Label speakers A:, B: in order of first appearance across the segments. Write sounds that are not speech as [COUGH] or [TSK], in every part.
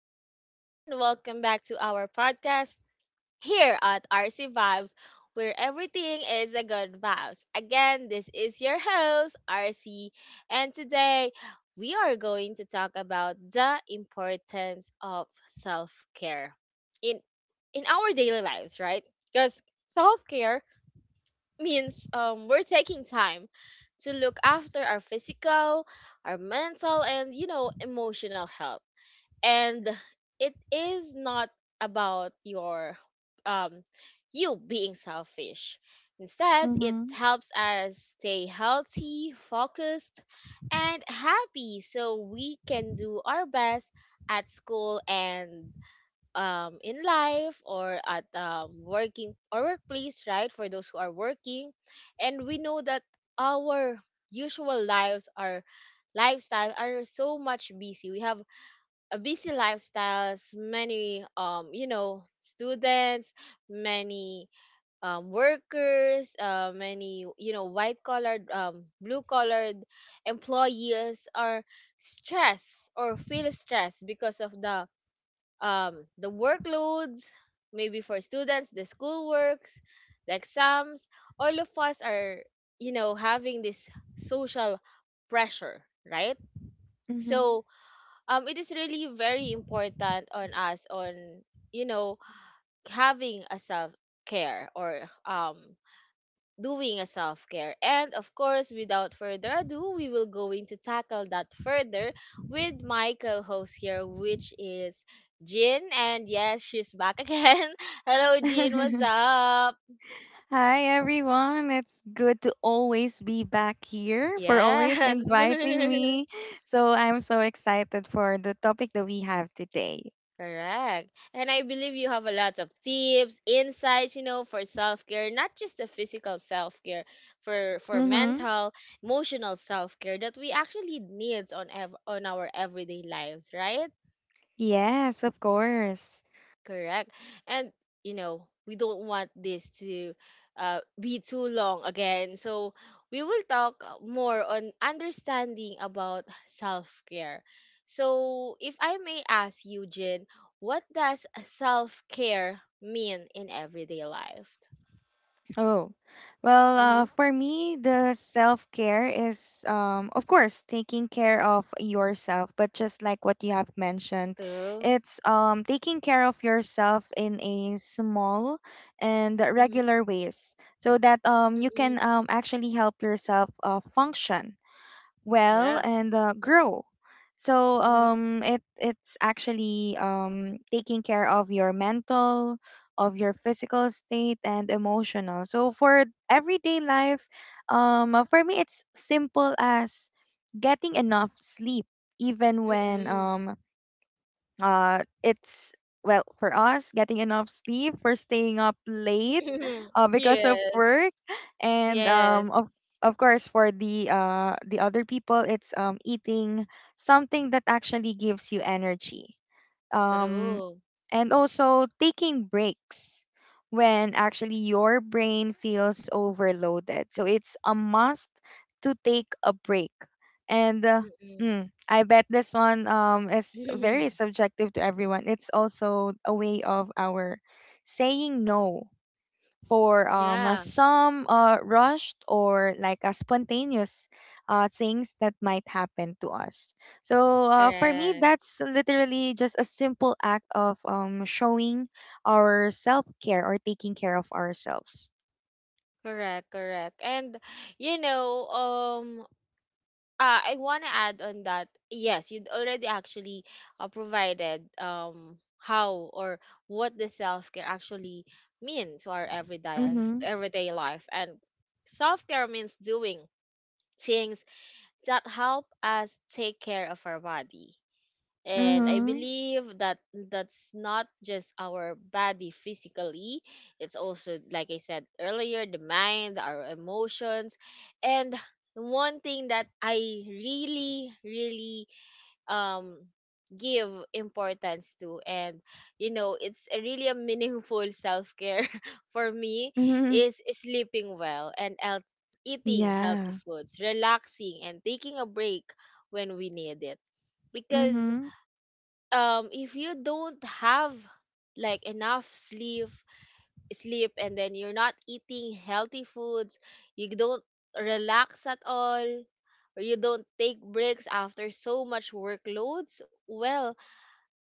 A: guys, and welcome back to our podcast here at RC Vibes, where everything is a good vibes. Again, this is your host, RC, and today we are going to talk about the importance of self care in in our daily lives, right? Because self care means we're taking time to look after our physical, our mental, and emotional health and it is not about your um you being selfish. Instead, it
B: Mm-hmm.
A: helps us stay healthy, focused, and happy so we can do our best at school and in life or at working or workplace, right, for those who are working. And we know that our usual lives, our lifestyle are so much busy. We have a busy lifestyles. Many students, many workers, many white collared, blue collared employees are stressed or feel stressed because of the workloads, maybe for students the schoolworks, the exams. All of us are having this social pressure, right?
B: Mm-hmm.
A: So it is really very important on us on you know having a self care or doing a self care. And of course, without further ado, we will going to tackle that further with my co-host here, which is Jin. And yes, she's back again. [LAUGHS] Hello Jin, what's
B: [LAUGHS]
A: up?
B: Hi everyone. It's good to always be back here for always
A: Yes.
B: inviting
A: [LAUGHS]
B: me. So I'm so excited for the topic that we have today.
A: Correct. And I believe you have a lot of tips, insights, for self-care, not just the physical self-care, for
B: Mm-hmm.
A: mental, emotional self-care that we actually need on on our everyday lives, right?
B: Yes, of course.
A: Correct. And you know, we don't want this to be too long again. So we will talk more on understanding about self-care. So if I may ask you, Jin, what does self-care mean in everyday life?
B: Oh, well,
A: Mm-hmm.
B: for me, the self-care is, of course, taking care of yourself, but just like what you have mentioned,
A: True.
B: it's taking care of yourself in a small and
A: Mm-hmm.
B: regular ways so that you
A: Mm-mm.
B: can actually help yourself function well
A: Yeah.
B: and grow. So
A: Mm-hmm.
B: it's actually taking care of your mental, of your physical state and emotional. So for everyday life, for me it's simple as getting enough sleep, even when
A: Mm-mm.
B: it's well for us getting enough sleep for staying up late
A: [LAUGHS]
B: because of
A: Yes.
B: work and
A: Yes.
B: of course for the other people it's eating something that actually gives you energy, um,
A: True.
B: and also taking breaks when actually your brain feels overloaded. So it's a must to take a break. And
A: Mm-mm.
B: I bet this one is very subjective to everyone. It's also a way of our saying no for
A: [LAUGHS] Yeah.
B: some rushed or like spontaneous things that might happen to us. So for me,
A: Correct.
B: that's literally just a simple act of showing our self care or taking care of ourselves.
A: Correct, correct. And you know, I want to add on that. Yes, you'd already actually provided how or what the self-care actually means to our everyday
B: Mm-hmm.
A: everyday life. And self-care means doing things that help us take care of our body. And I
B: Mm-hmm.
A: believe that that's not just our body physically, it's also, like I said earlier, the mind, our emotions. And one thing that I really, really um, give importance to, and you know, it's a really a meaningful self care [LAUGHS] for me,
B: Mm-hmm.
A: is sleeping well and health, eating healthy
B: Yeah.
A: foods, relaxing, and taking a break when we need it. Because
B: Mm-hmm.
A: if you don't have like enough sleep and then you're not eating healthy foods, you don't relax at all, or you don't take breaks after so much workloads, well,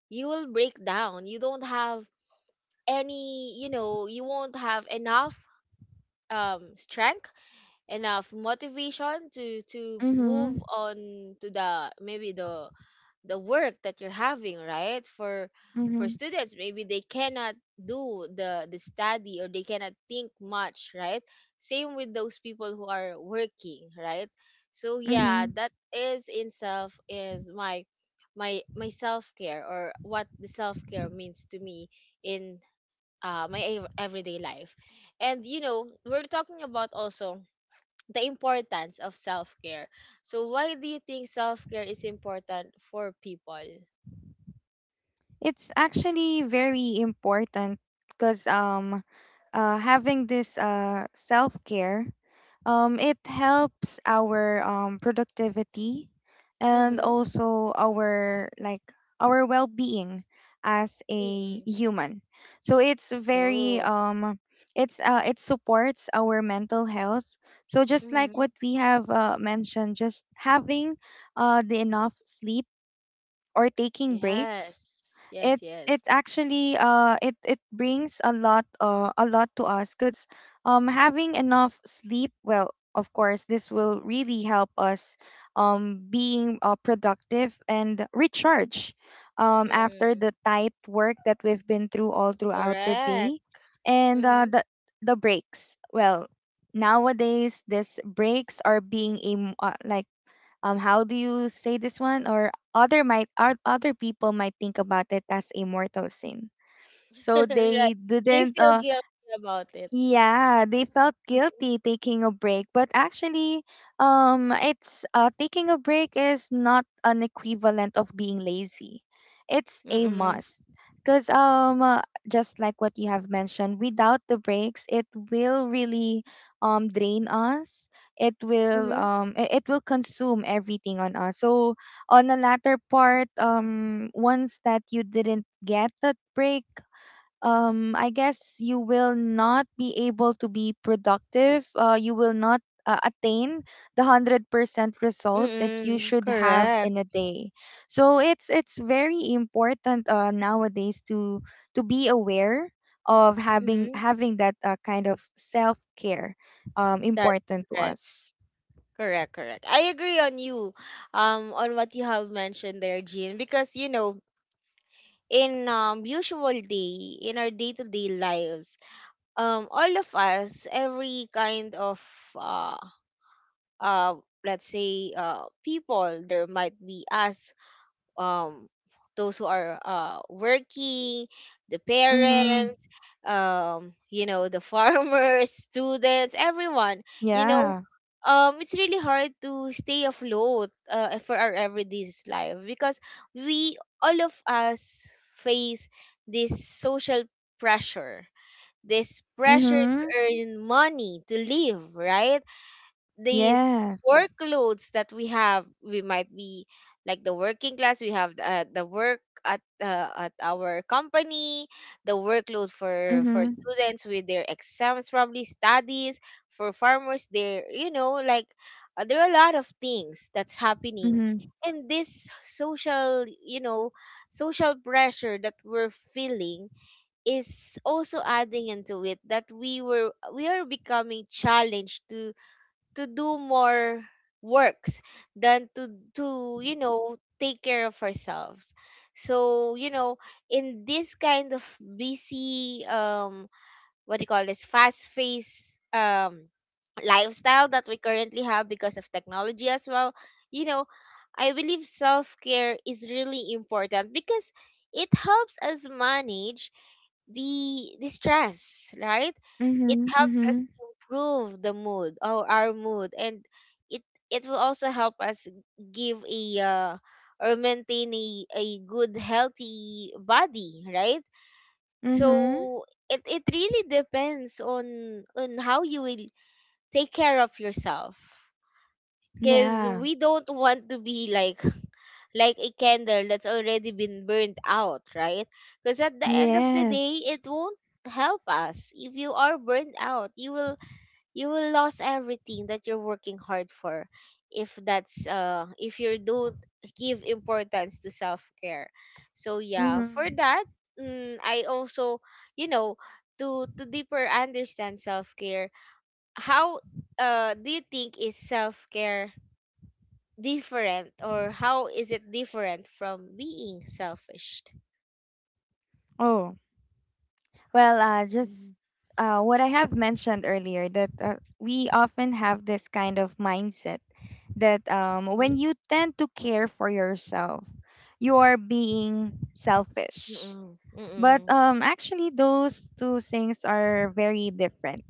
A: you will break down. You don't have any, you know, you won't have enough strength, enough motivation to
B: Mm-hmm.
A: move on to the maybe the work that you're having, right? For
B: Mm-hmm.
A: students, maybe they cannot do the study, or they cannot think much, right? Same with those people who are working, right? So yeah,
B: Mm-hmm.
A: that is in self is my my self-care, or what the self-care means to me in my everyday life. And you know, we're talking about also the importance of self-care. So why do you think self-care is important for people?
B: It's actually very important because having this self care. It helps our productivity and
A: Mhm,
B: also our like our well-being as a
A: mm,
B: human. So it's very
A: true.
B: it's it supports our mental health. So just like
A: Mhm.
B: what we have mentioned, just having the enough sleep or taking breaks,
A: Yes.
B: it
A: Yes,
B: it
A: yes.
B: actually it brings a lot to us because having enough sleep well of course this will really help us being productive and recharge after
A: Mm,
B: the tight work that we've been through all throughout the
A: correct.
B: day and
A: Mhm.
B: the breaks well nowadays these breaks are being a, m- like how do you say this one, or other might or other people might think about it as a mortal sin, so
A: [LAUGHS] Right.
B: they
A: They
B: didn't
A: feel guilty about it.
B: yeah, they felt
A: Mhm,
B: guilty taking a break, but actually, it's taking a break is not an equivalent of being lazy. It's a
A: mm,
B: must. Because just like what you have mentioned, without the breaks, it will really drain us. It will
A: mhm,
B: it will consume everything on us. So on the latter part, once that you didn't get that break, I guess you will not be able to be productive. You will not attain the 100% result that you
A: mm,
B: should have
A: correct.
B: in a day. So it's very important nowadays to be aware of having
A: Mhm.
B: having that kind of self care
A: That's
B: important to
A: correct.
B: us.
A: Correct, correct. I agree on you, on what you have mentioned there, Jean, because you know, in usual day, in our day to day lives, all of us, every kind of uh uh, let's say people there might be us, um, those who are working, the
B: Mm-hmm.
A: parents, you know, the farmers, [LAUGHS] students, everyone, you
B: Yeah.
A: know it's really hard to stay afloat for our everyday life, because we all of us face this social pressure, this pressure to
B: Mm-hmm.
A: earn money to live, right? These
B: Yes.
A: workloads that we have, we might be like the working class, we have the work at our company, the workload for
B: Mm-hmm.
A: students with their exams, probably studies, for farmers their you know like there are a lot of things that's happening.
B: Mm-hmm.
A: And this social, you know, social pressure that we're feeling is also adding into it, that we were we are becoming challenged to do more works than to you know take care of ourselves. So you know, in this kind of busy what do you call this, fast phase lifestyle that we currently have because of technology as well, you know, I believe self-care is really important because it helps us manage the stress, right?
B: Mm-hmm.
A: It helps
B: Mm-hmm.
A: us improve the mood or our mood, and it it will also help us give a or maintain a good healthy body, right?
B: Mm-hmm.
A: So it really depends on how you will take care of yourself, because
B: Yeah.
A: we don't want to be like a candle that's already been burned out, right? Because at the end of the
B: Yes.
A: day, it won't help us. If you are burned out, you will lose everything that you're working hard for, if that's if you don't give importance to self care. So yeah, for
B: Hmm.
A: that, mm, I also you know, to deeper understand self care, how do you think is self care different, or how is it different from being selfish?
B: Oh, well, just
A: Mhm.
B: what I have mentioned earlier that we often have this kind of mindset that
A: Mhm.
B: when you tend to care for yourself, you are being selfish.
A: Mm-mm.
B: But
A: Mm-mm.
B: actually, those two things are very different.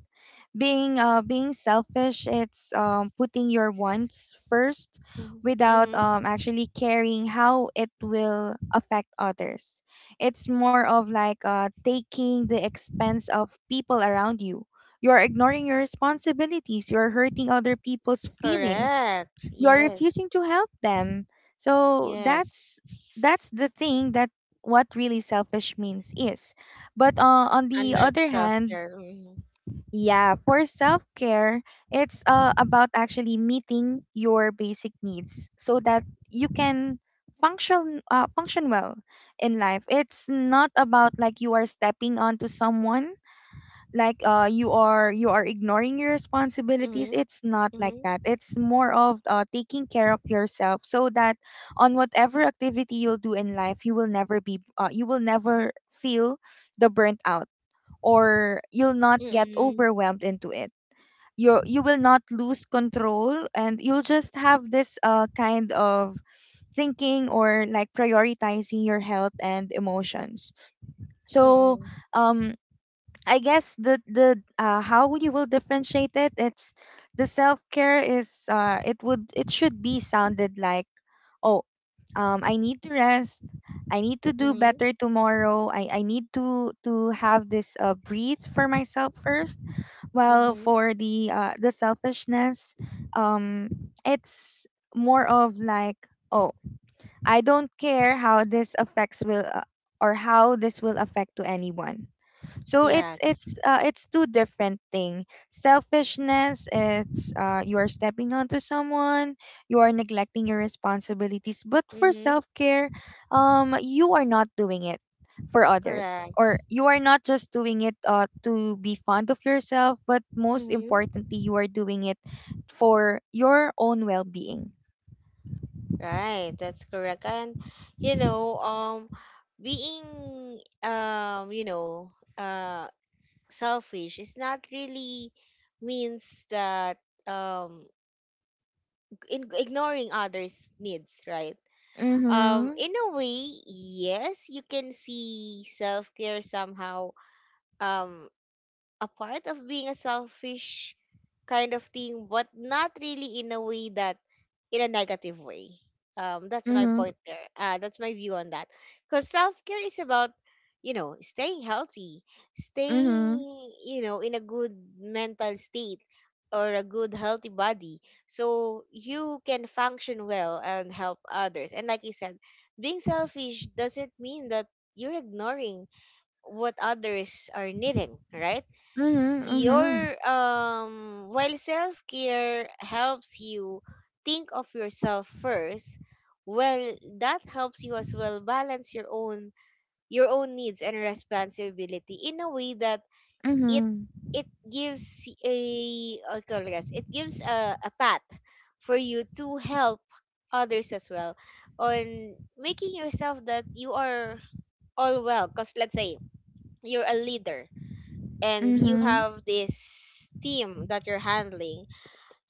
B: Being being selfish, it's putting your wants first
A: Mhm.
B: without
A: Mhm.
B: actually caring how it will affect others. It's more of like taking the expense of people around you, you're ignoring your responsibilities, you're hurting other people's feelings,
A: Correct.
B: you're
A: Yes.
B: refusing to help them. So
A: Yes.
B: that's the thing that what really selfish means is. But on the
A: Unlike
B: other
A: self
B: hand,
A: care. Mm-hmm.
B: yeah, for self care, it's about actually meeting your basic needs so that you can function function well in life. It's not about like you are stepping onto someone, like you are ignoring your responsibilities.
A: Mm-hmm.
B: It's not like that. It's more of taking care of yourself so that on whatever activity you'll do in life, you will never be you will never feel the burnt out or you'll not get
A: Mm-hmm.
B: overwhelmed into it. You will not lose control and you'll just have this kind of thinking or like prioritizing your health and emotions. So
A: Mm-hmm.
B: um I guess the the how you will differentiate it, it's the self care is it would, it should be sounded like, oh, I need to rest, I need to do
A: Mm-hmm.
B: better tomorrow, I need to have this breathe for myself first, while
A: Mm-hmm.
B: for the selfishness, um it's more of like, oh, I don't care how this affects will or how this will affect to anyone. So it's
A: Yes.
B: it's two different thing. Selfishness, it's you are stepping onto someone, you are neglecting your responsibilities. But for
A: Mm-hmm.
B: self care, you are not doing it for others,
A: Correct.
B: or you are not just doing it to be fond of yourself, but most
A: Mm-hmm.
B: importantly, you are doing it for your own well being.
A: Right. That's correct. And you know, being uh selfish is not really means that um ignoring others needs, right?
B: Mhm.
A: In a way, yes, you can see self-care somehow um a part of being a selfish kind of thing, but not really in a way that in a negative way. That's my
B: Mhm.
A: point there. That's my view on that. Because self care is about, you know, staying healthy,
B: Mhm.
A: staying, you know, in a good mental state or a good healthy body, so you can function well and help others. And like you said, being selfish doesn't mean that you're ignoring what others are needing, right? Your
B: Mhm.
A: while self-care helps you think of yourself first, well, that helps you as well balance your own needs and responsibility, in a way that
B: Mhm.
A: it
B: Mhm.
A: it gives a or call this, it gives a path for you to help others as well, on making yourself that you are all well. Because let's say you're a leader and you
B: Mhm.
A: have this team that you're handling,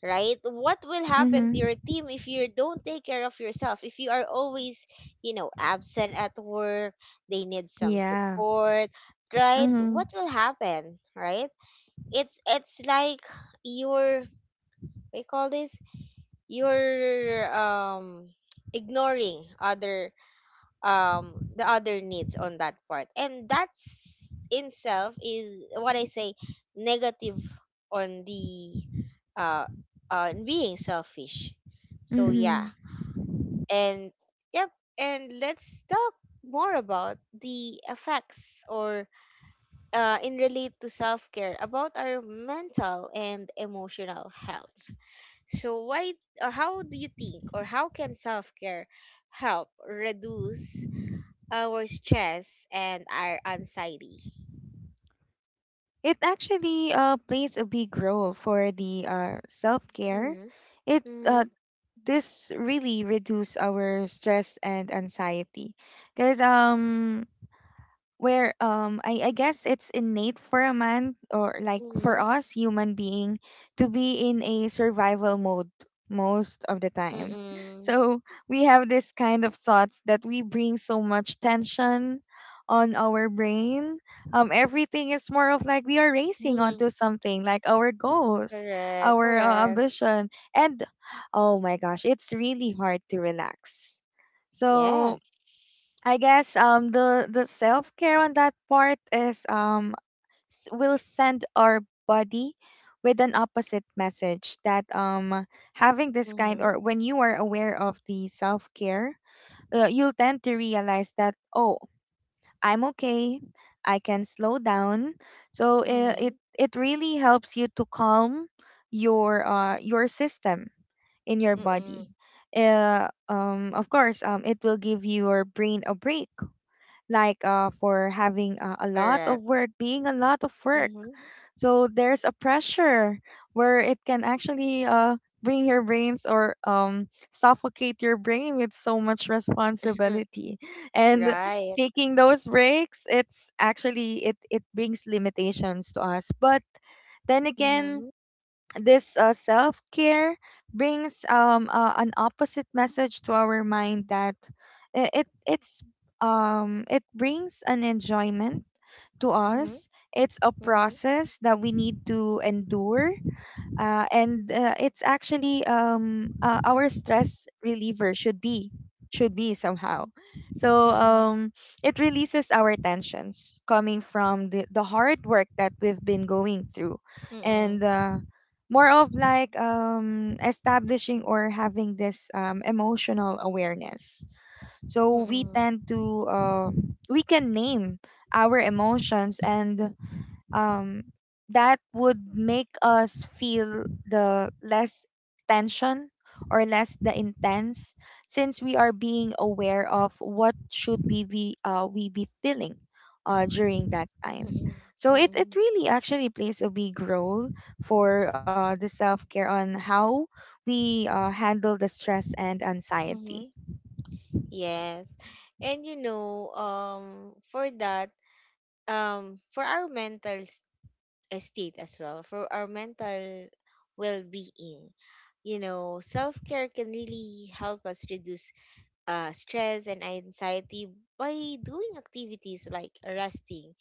A: right? What will happen to your
B: Mhm.
A: team if you don't take care of yourself? If you are always, you know, absent at work, they need some
B: Yeah.
A: support, right?
B: Mhm.
A: What will happen, right? It's like you're what do you call this? You're ignoring other the other needs on that part, and that's in self is what I say negative on the uh on being selfish. So yeah.
B: Mm-hmm.
A: And yep, and let's talk more about the effects, or in relate to self-care about our mental and emotional health. So why or how do you think, or how can self-care help reduce our stress and our anxiety?
B: It actually plays a big role for the self care.
A: Mm-hmm.
B: It
A: Mm-hmm.
B: this really reduce our stress and anxiety, because where I guess it's innate for a man or like for
A: Mm-hmm.
B: us human being to be in a survival mode most of the time.
A: Mm-hmm.
B: So we have this kind of thoughts that we bring so much tension on our brain. Um, everything is more of like we are racing
A: Mm-hmm.
B: onto something like our goals,
A: Correct.
B: our
A: Correct.
B: ambition, and oh my gosh, it's really hard to relax. So
A: Yes.
B: I guess the self care on that part is will send our body with an opposite message that having this kind,
A: Mm-hmm.
B: or when you are aware of the self care, you'll tend to realize that oh, I'm okay, I can slow down. So
A: Mm-hmm.
B: it really helps you to calm your system in your
A: Mm-hmm.
B: body. Of course, it will give your brain a break, like for having a lot of
A: Correct.
B: work, being a lot of work.
A: Mm-hmm.
B: So there's a pressure where it can actually bring your brains or suffocate your brain with so much responsibility.
A: [LAUGHS]
B: And
A: Right.
B: taking those breaks, it's actually it brings limitations to us. But then again,
A: Mm-hmm.
B: this self care brings an opposite message to our mind that it's it brings an enjoyment to
A: Mm-hmm.
B: us. It's a
A: Mm-hmm.
B: process that we need to endure, and it's actually our stress reliever should be somehow. So
A: Mm-hmm.
B: it releases our tensions coming from the hard work that we've been going through, and
A: Mm-hmm.
B: more of like establishing or having this emotional awareness so we
A: Mm-hmm.
B: tend to we can name our emotions, and um, that would make us feel the less tension or less the intense, since we are being aware of what should we be feeling during that time.
A: Mm-hmm.
B: So
A: Mm-hmm.
B: it really actually plays a big role for the self-care on how we handle the stress and anxiety.
A: Mm-hmm. Yes. And you know, for that, for our mental state, as well for our mental well-being, you know, self-care can really help us reduce stress and anxiety by doing activities like resting,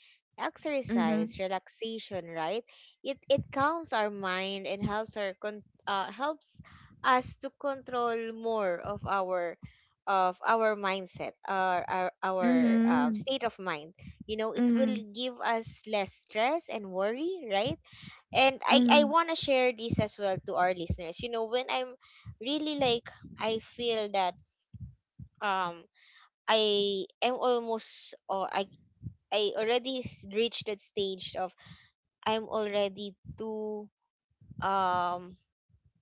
B: Mm-hmm.
A: exercise, relaxation, right? It calms our mind and helps our helps us to control more of our mindset, our our
B: Mm-hmm.
A: state of mind. You know, it will
B: Mm-hmm.
A: give us less stress and worry, right? And I
B: Mm-hmm.
A: want to share this as well to our listeners. You know, when I'm really like I feel that um I am almost or I already reached that stage of I'm already too um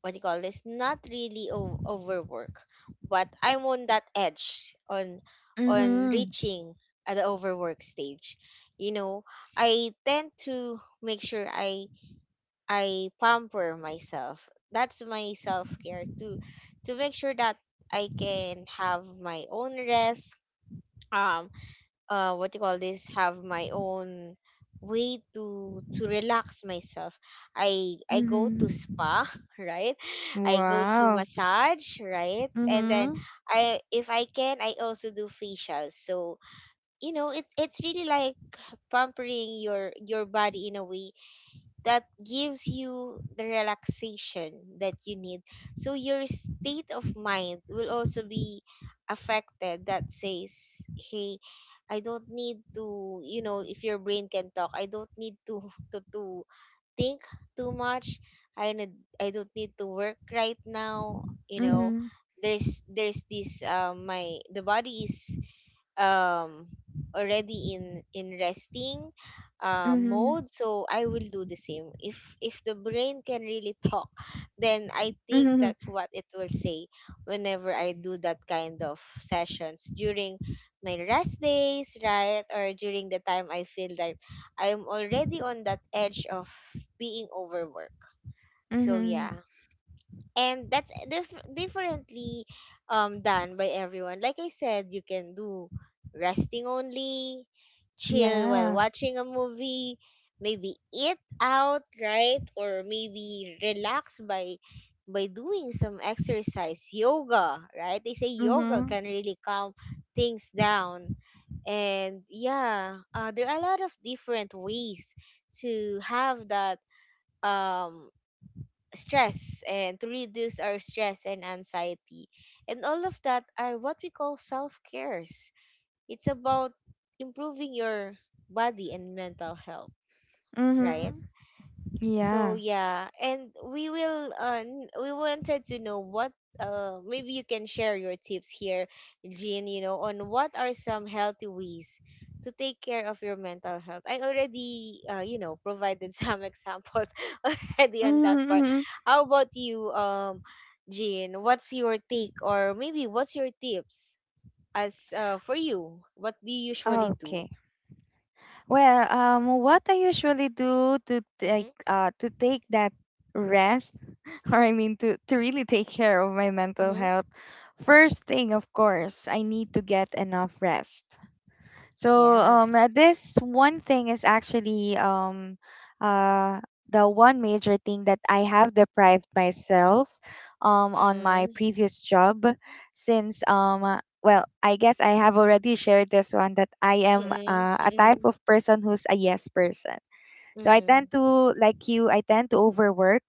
A: what do you call this? Not really overwork, but I'm on that edge on
B: Mm-hmm.
A: reaching at the overwork stage. You know, I tend to make sure I pamper myself. That's my self care to make sure that I can have my own rest. Um, what you call this, have my own way to relax myself. I go to
B: Mm-hmm.
A: spa [LAUGHS] right. I go to
B: Wow.
A: massage, right? And then
B: Mm-hmm.
A: I if I can, I also do facials. So you know it's really like pampering your body in a way that gives you the relaxation that you need. So your state of mind will also be affected that says, hey, I don't need to, you know, if your brain can talk, I don't need to [LAUGHS] to think too much. I need, I don't need to work right now, you know.
B: Mhm.
A: There's this my the body is um already in resting
B: Mhm.
A: mode. So I will do the same. If the brain can really talk, then I think
B: Mhm.
A: that's what it will say whenever I do that kind of sessions during my rest days, right? Or during the time I feel like I'm already on that edge of being overworked. So yeah.
B: Mhm.
A: And differently done by everyone. Like I said, you can do resting only, chill while
B: Yeah.
A: watching a movie, maybe eat out, right? Or maybe relax by doing some exercise, yoga, right? They say yoga
B: Mhm.
A: can really calm things down. And yeah, there are a lot of different ways to have that um stress and to reduce our stress and anxiety. And all of that are what we call self cares. It's about improving your body and mental health, right?
B: Mhm.
A: So
B: Yeah.
A: yeah, and we will we wanted to know what, maybe you can share your tips here, Jean, you know, on what are some healthy ways to take care of your mental health. I already you know provided some [LAUGHS] examples already on that
B: Mhm.
A: part.
B: Mhm.
A: How about you, Jean? What's your take, or maybe what's your tips as, for you? What do you usually
B: Okay.
A: do?
B: Well, what I usually do
A: Mm-hmm.
B: to take that rest, [LAUGHS] or I mean to really take care of my mental
A: Mm-hmm.
B: health. First thing, of course, I need to get enough rest. So
A: Yes.
B: this one thing is actually uh, the one major thing that I have deprived myself on my
A: Mm-hmm.
B: previous job, since well, I guess I have already shared this one that I am
A: Mm-hmm.
B: a type
A: Mm-hmm.
B: of person who's a yes person. So I tend
A: Mm-hmm.
B: to like you. I tend to overwork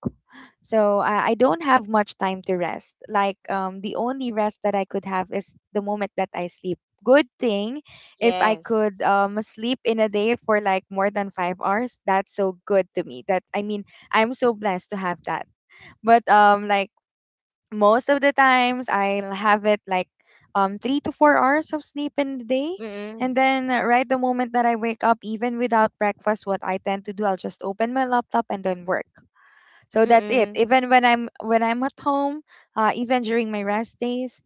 B: so I don't have much time to rest. Like the only rest that I could have is the moment that I sleep. Good thing if I
A: Yes.
B: could sleep in a day for like more than 5 hours. That's so good to me. That I mean, I'm so blessed to have that. But like most of the times, I'll have it like 3 to 4 hours of sleep in the day.
A: Mm-mm.
B: And then right the moment that I wake up, even without breakfast, what I tend to do, I'll just open my laptop and then work. So that's it.
A: Mm-mm.
B: Even when I'm at home, even during my rest days,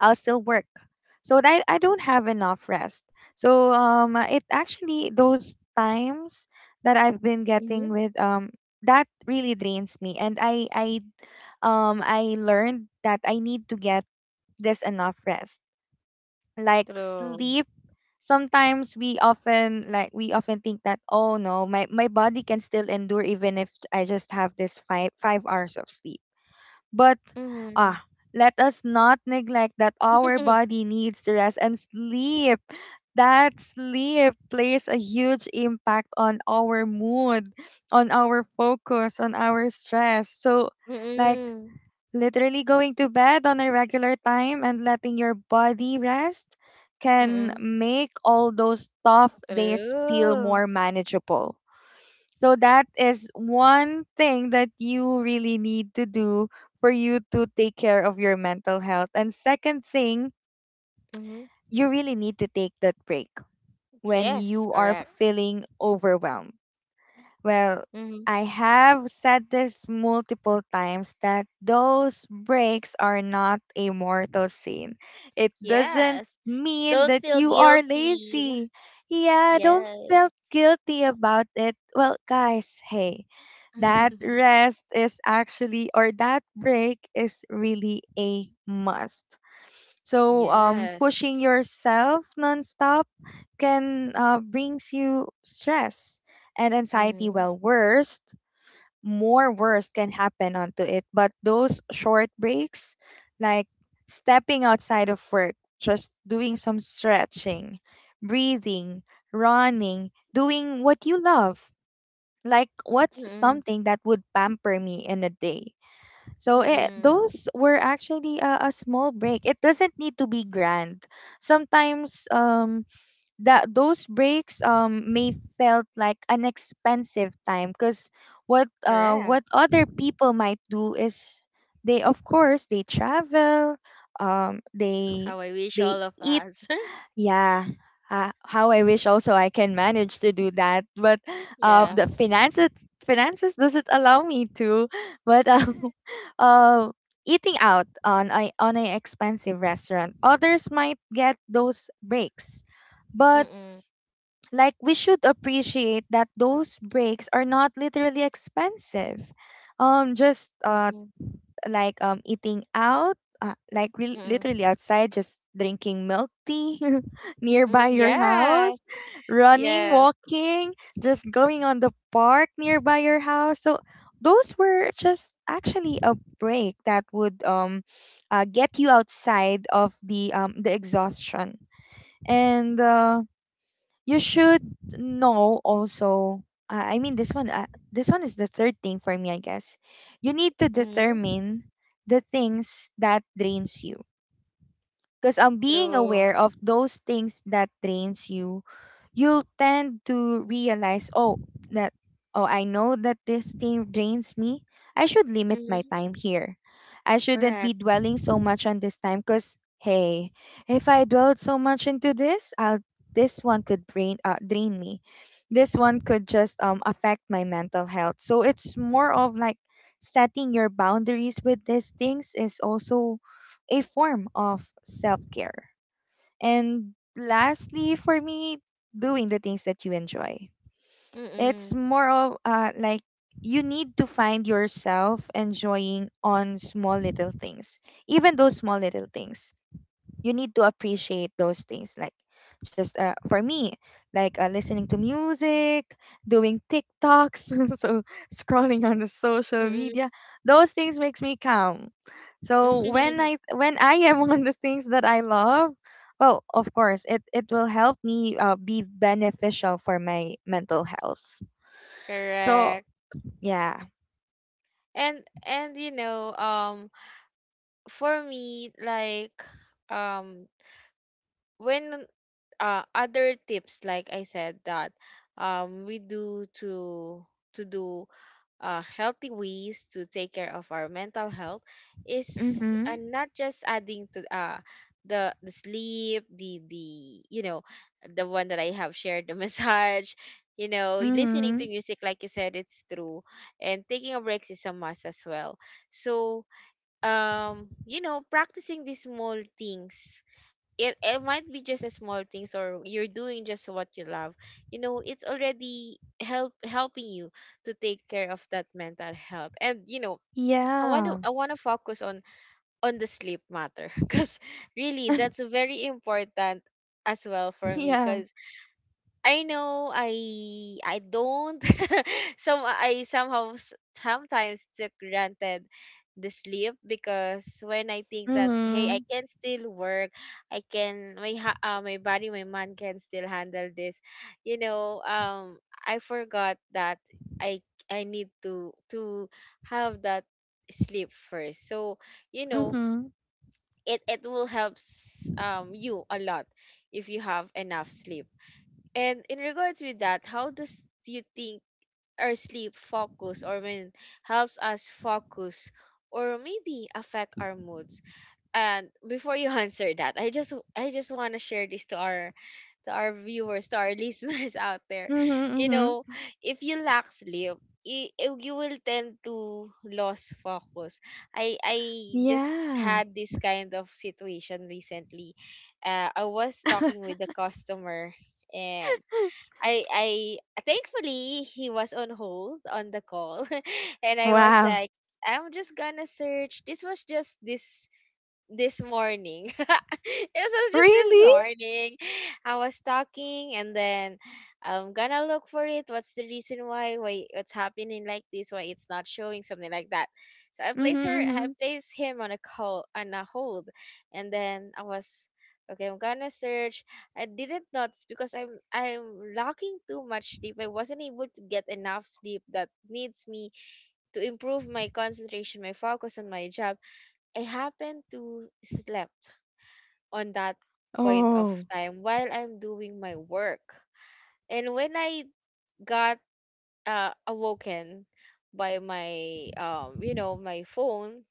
B: I'll still work. So that I don't have enough rest. So it actually those times that I've been
A: Mm-hmm.
B: getting with that really drains me, and I learned that I need to get this enough rest, like
A: True.
B: sleep. Sometimes we often think that, oh no, my body can still endure even if I just have this five hours of sleep, but
A: Mm-hmm.
B: ah, let us not neglect that our
A: [LAUGHS]
B: body needs to rest and sleep. That sleep plays a huge impact on our mood, on our focus, on our stress. So, like,
A: Mm-mm.
B: literally going to bed on a regular time and letting your body rest can
A: Mm-mm.
B: make all those tough days feel
A: True.
B: more manageable. So that is one thing that you really need to do for you to take care of your mental health. And second thing,
A: Mm-hmm.
B: you really need to take that break when
A: Yes,
B: you are
A: correct.
B: feeling overwhelmed. Well,
A: Mm-hmm.
B: I have said this multiple times that those breaks are not a mortal sin. It doesn't
A: Yes.
B: mean
A: Don't
B: that
A: feel
B: you are
A: guilty.
B: lazy. Yeah, don't
A: Yes.
B: feel guilty about it. Well, guys, hey, that
A: [LAUGHS]
B: rest is actually, or that break is really a must. So
A: Yes.
B: pushing yourself nonstop can, brings you stress and anxiety.
A: Mm-hmm.
B: Well, worst, more worst can happen onto it, but those short breaks, like stepping outside of work, just doing some stretching, breathing, running, doing what you love, like what's
A: Mm-mm.
B: something that would pamper me in a day. So
A: Mm-mm.
B: those were actually a small break. It doesn't need to be grand. Sometimes that those breaks may felt like an expensive time, because
A: Correct.
B: what other people might do is they, of course, they travel, um they
A: How I wish
B: they
A: all of
B: eat.
A: us. [LAUGHS]
B: Yeah, how I wish also I can manage to do that, but
A: Yeah.
B: the finances doesn't allow me to. But [LAUGHS] uh, eating out on a expensive restaurant, others might get those breaks, but,
A: Mm-mm.
B: like, we should appreciate that those breaks are not literally expensive. Just
A: Mm-mm.
B: like eating out, like
A: Mm-mm.
B: literally outside, just drinking milk tea [LAUGHS]
A: Mm,
B: nearby your
A: yeah.
B: house, running,
A: Yes.
B: walking, just going on the park nearby your house. So those were just actually a break that would get you outside of the exhaustion and. You should know also, this one is the third thing for me, I guess. You need to
A: Mm-hmm.
B: determine the things that drains you, because being
A: True.
B: aware of those things that drains you, you'll tend to realize, oh, that oh, I know that this thing drains me. I should limit my time here. I shouldn't
A: Correct.
B: be dwelling so much on this time, because, hey, if I dwelled so much into this, I'll, this one could drain me. This one could just affect my mental health. So it's more of like setting your boundaries with these things is also a form of self care. And lastly, for me, doing the things that you enjoy. It's
A: Mm-mm.
B: more of like, you need to find yourself enjoying on small little things, even those small little things. You need to appreciate those things, like just for me, like listening to music, doing tiktoks, [LAUGHS] so scrolling on the social
A: Mm-mm.
B: media, those things makes me calm. So when i
A: [LAUGHS]
B: when i am [LAUGHS] on the things that I love, well, of course it, it will help me, be beneficial for my mental health. So
A: Correct.
B: yeah.
A: And you know, for me, like, um when, other tips, like I said, that we do to do healthy ways to take care of our mental health, is
B: Mm-hmm.
A: not just adding to, the sleep, the you know, the one that I have shared, the [LAUGHS] massage, you know, listening
B: Mm-hmm.
A: to music, like you said, it's true. And taking a break is a must as well. So you know practicing these small things, it might be just a small things, or you're doing just what you love, you know, it's already helping you to take care of that mental health. And you know, i want to
B: Yeah. [LAUGHS]
A: i want to focus on the sleep matter, [LAUGHS] because really that's very important as well for me,
B: Yeah.
A: because I know I don't [LAUGHS] some, I somehow sometimes took granted the sleep, because when I think that, hey, I
B: Mm-hmm.
A: can still work, I can, my body, my mind can still handle this, you know, I forgot that I I need to have that sleep first. So you know
B: Mm-hmm.
A: it will helps you a lot if you have enough sleep. And in regards with that, how does you think our sleep focus, or when helps us focus, or maybe affect our moods? And before you [LAUGHS] answer that, I just want to share this to our viewers, to our [LAUGHS] listeners out there.
B: Mm-hmm.
A: You
B: Mm-hmm.
A: know, if you lack sleep, you will tend to lose focus. I just
B: Yeah.
A: had this kind of situation recently. I was talking with the customer, and I thankfully he was on hold on the call, [LAUGHS] and I was
B: Wow.
A: like, I'm just gonna search. This was just this morning. [LAUGHS] It was just this
B: Really?
A: morning. I was talking, and then I'm gonna look for it. What's the reason why? Why it's happening like this? Why it's not showing? Something like that. So I
B: Mm-hmm,
A: place her. I
B: mm-hmm.
A: place him on a call on a hold, and then I was, okay, I'm gonna search. I didn't notice because I'm lacking too much sleep. I wasn't able to get enough sleep that needs me to improve my concentration, my focus on my job. I happen to slept on that point of
B: Oh.
A: time while I'm doing my work. And when I got, awoken by my, you know my phone,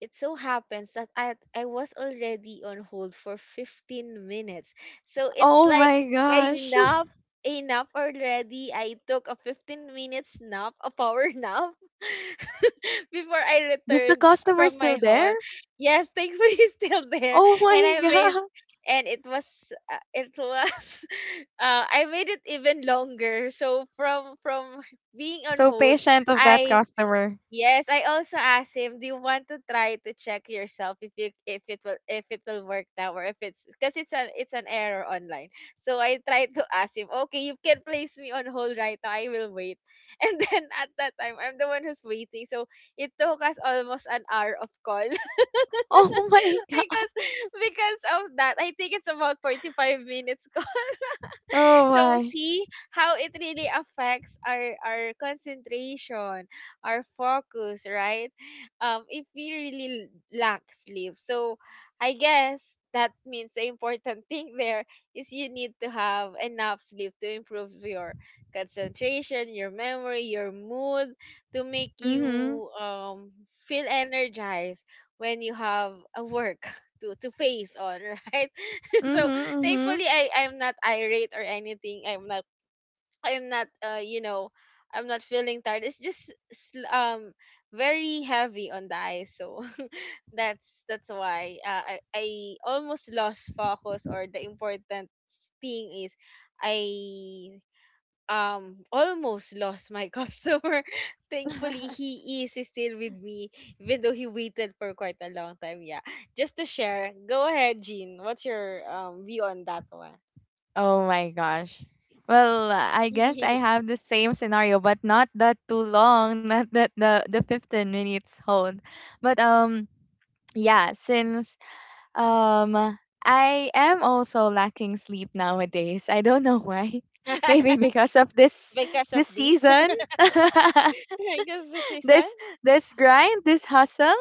A: it so happens that I was already on hold for 15 minutes. So it's
B: Oh
A: like,
B: my gosh. [LAUGHS]
A: enough enough already. I took a 15 minutes nap, a power nap. [LAUGHS] [LAUGHS] Before I
B: Does the
A: returned
B: customer
A: from
B: still
A: my
B: there?
A: haul. Yes, thankfully [LAUGHS] still there.
B: Oh
A: And
B: my
A: I made,
B: god.
A: and it was, it was [LAUGHS] I made it even longer. So from being on
B: So
A: hold,
B: patient of that
A: I—
B: customer.
A: Yes, I also asked him, "Do you want to try to check yourself, if you— if it will— if it will work now, or if it's because it's an— it's an error online." So I tried to ask him, "Okay, you can place me on hold right now. I will wait." [LAUGHS] And then at that time, I'm the one who's waiting. So it took us almost an hour of call, [LAUGHS]
B: Oh my [LAUGHS] god.
A: because because of that. I think it's about 45 minutes. [LAUGHS] [LAUGHS]
B: Oh
A: So
B: my.
A: see how it really affects our concentration, our focus, right? If we really lack sleep, so I guess that means the important [LAUGHS] thing there is you need to have enough sleep to improve your concentration, your memory, your mood, to make you
B: Mm-hmm.
A: feel energized when you have a work [LAUGHS] to face on, right? [LAUGHS]
B: Mm-hmm.
A: So
B: Mm-hmm.
A: thankfully I'm not irate or anything. I'm not, I'm not, you know, I'm not feeling tired. It's just, very heavy on the eyes, so [LAUGHS] that's why, I almost lost focus. Or the important thing is, I almost lost my [LAUGHS] customer. Thankfully,
B: [LAUGHS]
A: he is still with me, even though he waited for quite a long time. Yeah, just to share. Go ahead, Jean. What's your, view on that one?
B: Oh my gosh. Well, I guess I
A: [LAUGHS]
B: have the same scenario, but not that too long, not that the 15 minutes hold. But yeah, since, Um, I am also lacking sleep nowadays. I don't know why. [LAUGHS] Maybe because of
A: Because of
B: this
A: this.
B: season,
A: [LAUGHS]
B: [LAUGHS]
A: Because decision.
B: this this grind, this hustle.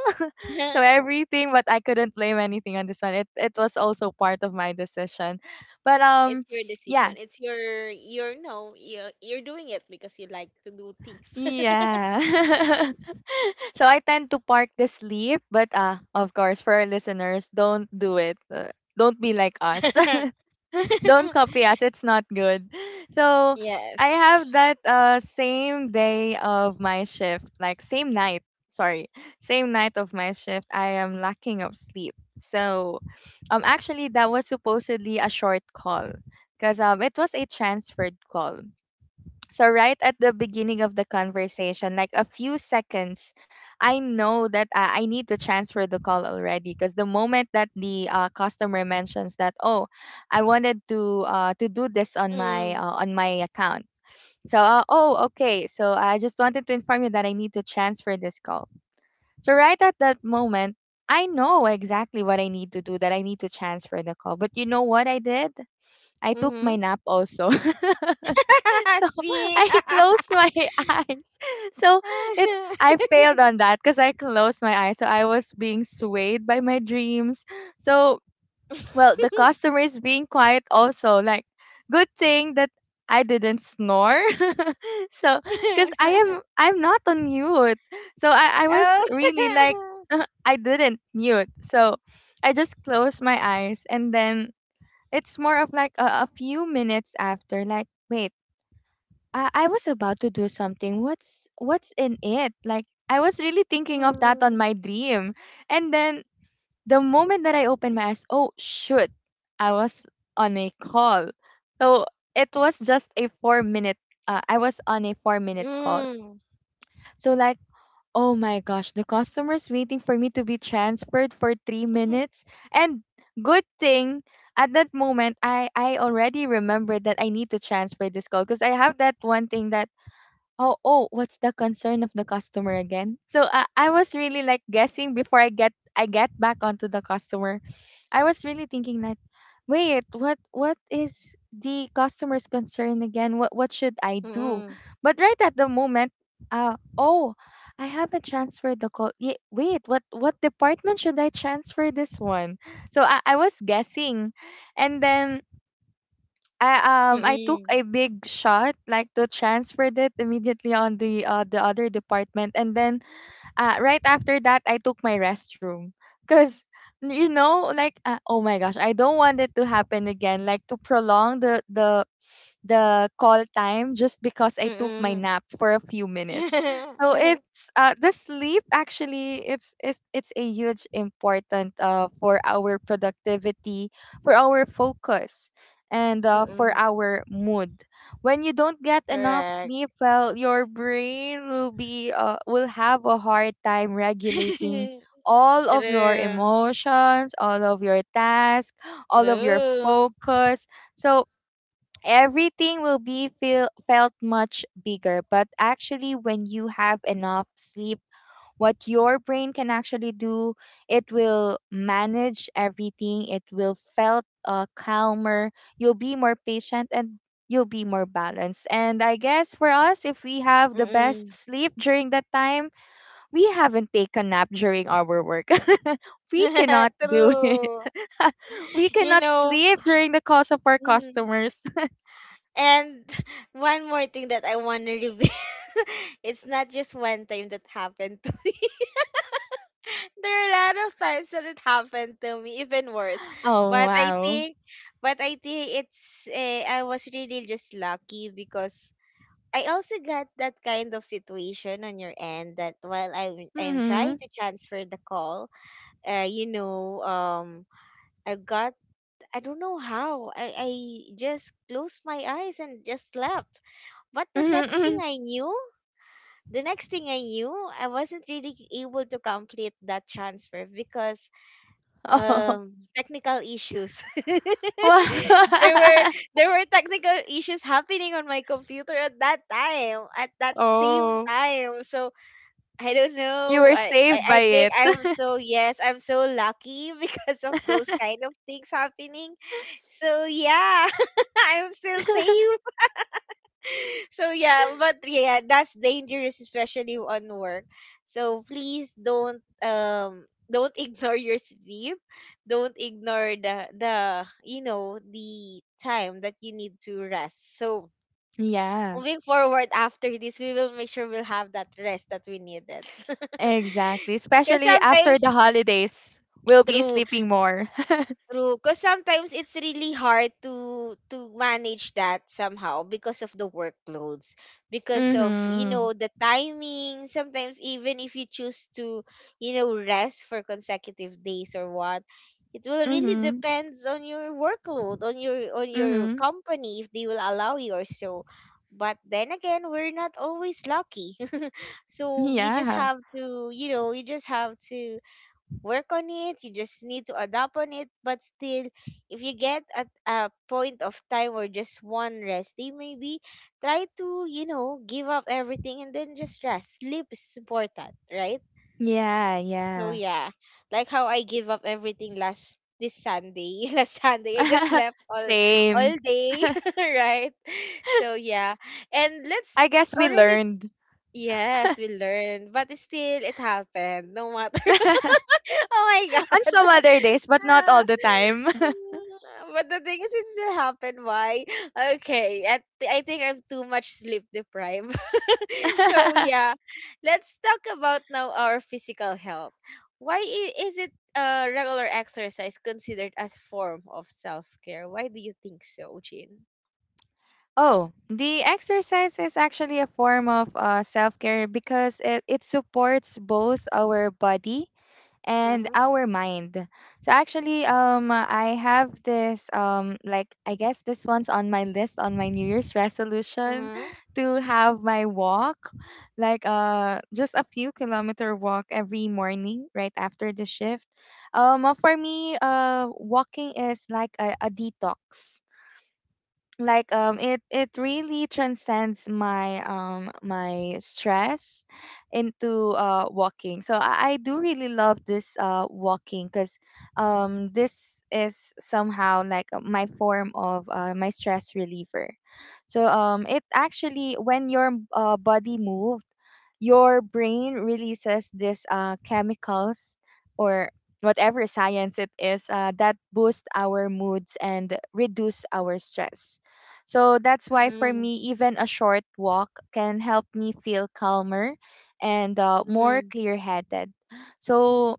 A: [LAUGHS]
B: [LAUGHS] So everything, but I couldn't blame anything on this one. It was also part of my decision. But
A: It's your
B: yeah.
A: decision. It's your no, you're doing it because you like to do things.
B: Yeah. [LAUGHS] So I tend to park the sleep, but, uh, of course for our listeners, don't do it. Don't be like us.
A: [LAUGHS]
B: [LAUGHS] Don't copy us. It's not good. So I have
A: Yes.
B: that same day of my shift, like same night. Sorry, same night of my shift. I am lacking of sleep. So, actually, that was supposedly a short call, because it was a transferred call. So, right at the beginning of the conversation, like a few seconds, I know that I need to transfer the call already. Because the moment that the, customer mentions that, oh, I wanted to, do this on my,
A: Mm.
B: on my account. So, oh, okay. So I just wanted to inform you that I need to transfer this call. So right at that moment, I know exactly what I need to do. That I need to transfer the call. But you know what I did? I took my
A: Mm-hmm.
B: nap also. [LAUGHS] So
A: [LAUGHS]
B: [LAUGHS]
A: See.
B: I
A: [LAUGHS]
B: closed my [LAUGHS] eyes. So it I failed on that because I closed my eyes. So I was being swayed by my dreams. So, well, the customer is being quiet also. Like, good thing that I didn't snore. [LAUGHS] So, because I'm not on mute. So I was
A: Oh.
B: really like [LAUGHS]
A: [LAUGHS]
B: I didn't mute. So I just closed my eyes, and then it's more of like a few minutes after, like, wait, I was about to do something. What's in it? Like, I was really thinking of that on
A: Mm.
B: my dream. And then the moment that I opened my eyes, oh shoot, I was on a call. So it was just a four minute I was on a 4 minute call.
A: Mm.
B: So, like, oh my gosh, the customer's waiting for me to be transferred for 3 minutes. And good thing at that moment I already remembered that I need to transfer this call because I have that one thing that, oh, oh, what's the concern of the customer again? So I was really like guessing before I get back onto the customer. I was really thinking that, wait, what is the customer's concern again? What should I do?
A: Mm.
B: But right at the moment, uh oh, I haven't transferred the call. Wait, what department should I transfer this one? So I was guessing. And then I I took
A: Mm.
B: a big shot, like, to transfer it immediately on the other department, and then right after that I took my restroom, cuz, you know, like, oh my gosh, I don't want it to happen again, like, to prolong the the call time just because I took my
A: Mm.
B: nap for a few minutes.
A: Mm.
B: So
A: [LAUGHS]
B: it's, the sleep, actually, it's it's a huge important, for our productivity, for our focus, and, for
A: Mm-mm.
B: our mood. When you don't get enough
A: Correct.
B: sleep, well, your brain will be will have a hard time regulating
A: [LAUGHS]
B: all of your
A: True,
B: emotions, all of your tasks, all of your
A: true.
B: focus. So everything will be felt much bigger, but actually when you have enough sleep, what your brain can actually do, it will manage everything. It will felt, calmer. You'll be more patient, and you'll be more balanced. And I guess for us, if we have the best
A: Mm.
B: sleep during that time, we haven't taken nap during our work. [LAUGHS] We cannot
A: [LAUGHS]
B: do it.
A: True.
B: [LAUGHS] We
A: You
B: cannot
A: know,
B: sleep during the calls of our
A: mm.
B: customers.
A: And [LAUGHS] one more thing that I want to reveal. [LAUGHS] It's not just one time that happened to me. [LAUGHS] There are a lot of times that it happened to me, even worse.
B: Oh,
A: But I
B: wow.
A: think, but I think it's, I was really just lucky because I also got that kind of situation on your end, that while I'm trying
B: Mhm.
A: to transfer the call, you know, I got, I don't know how, I just closed my eyes and just slept. But
B: Mhm, [LAUGHS] mhm.
A: the next thing I knew, I wasn't really able to complete that transfer because,
B: Oh.
A: technical issues. [LAUGHS] there were
B: Wow. [LAUGHS]
A: there were technical issues happening on my computer at that time, at that same
B: Oh,
A: time. So I don't
B: you
A: know.
B: were saved by
A: I think
B: it.
A: I'm so, yes, I'm so lucky [LAUGHS] because of those kind
B: [LAUGHS]
A: of things happening. So yeah, [LAUGHS] I'm still safe. [LAUGHS] So yeah, but yeah, that's dangerous, especially on work. So please don't, don't [LAUGHS] ignore your sleep. Don't ignore the you know the time that you need to rest. So
B: Yeah,
A: moving forward after this, we will make sure we'll have that rest that we needed. [LAUGHS]
B: exactly.
A: Because
B: Especially after the
A: sometimes,
B: holidays, we'll be
A: true,
B: sleeping more. [LAUGHS]
A: true, because sometimes it's really hard to manage that somehow, because of the workloads, because of you
B: Mm-hmm.
A: know the timing. Sometimes even if you choose to you know rest for consecutive days or what, it will really
B: Mm-hmm.
A: depends on your workload, on your, on your
B: Mm-hmm.
A: company if they will allow you or so. But then again, we're not always lucky, [LAUGHS] so you just
B: Yeah.
A: have to, you know, you just have to work on it, you just need to adapt on it. But still, if you get at a point of time or just one rest day, maybe try to, you know, give up everything and then just rest. Sleep is important, right?
B: Yeah,
A: So
B: yeah.
A: yeah, like how I give up everything last this Sunday. [LAUGHS] Last Sunday I just slept
B: [LAUGHS]
A: all
B: Same.
A: all day.
B: [LAUGHS]
A: [LAUGHS] Right. So yeah. And let's—
B: I guess we
A: already—
B: learned
A: Yes, we learned, but still it happened no matter.
B: [LAUGHS] on
A: [LAUGHS] Oh my god.
B: some other
A: [LAUGHS]
B: days, but not
A: Ah.
B: all the time.
A: Mm, but the thing is, it still happened. Why? Okay, I, I think I'm too much sleep deprived. [LAUGHS] So
B: [LAUGHS]
A: yeah, let's talk about now our physical health. Why is it, regular exercise considered as form of self care? Why do you think so, Jin?
B: Oh, the exercise is actually a form of, self care, because it supports both our body and
A: Mm-hmm.
B: our mind. So actually, I have this like, I guess this one's on my list, on my New Year's resolution,
A: Mm-hmm.
B: [LAUGHS] to have my walk, like, just a few kilometer walk every morning right after the shift. For me, walking is like a detox, like, it, it really transcends my my stress into walking. So I do really love this walking, because this is somehow like, my form of, my stress reliever. So it, actually when your, body moves, your brain releases this, chemicals, or whatever science it is, that boost our moods and reduce our stress. So that's why for
A: Mm-mm.
B: me, even a short walk can help me feel calmer and, more clear headed. So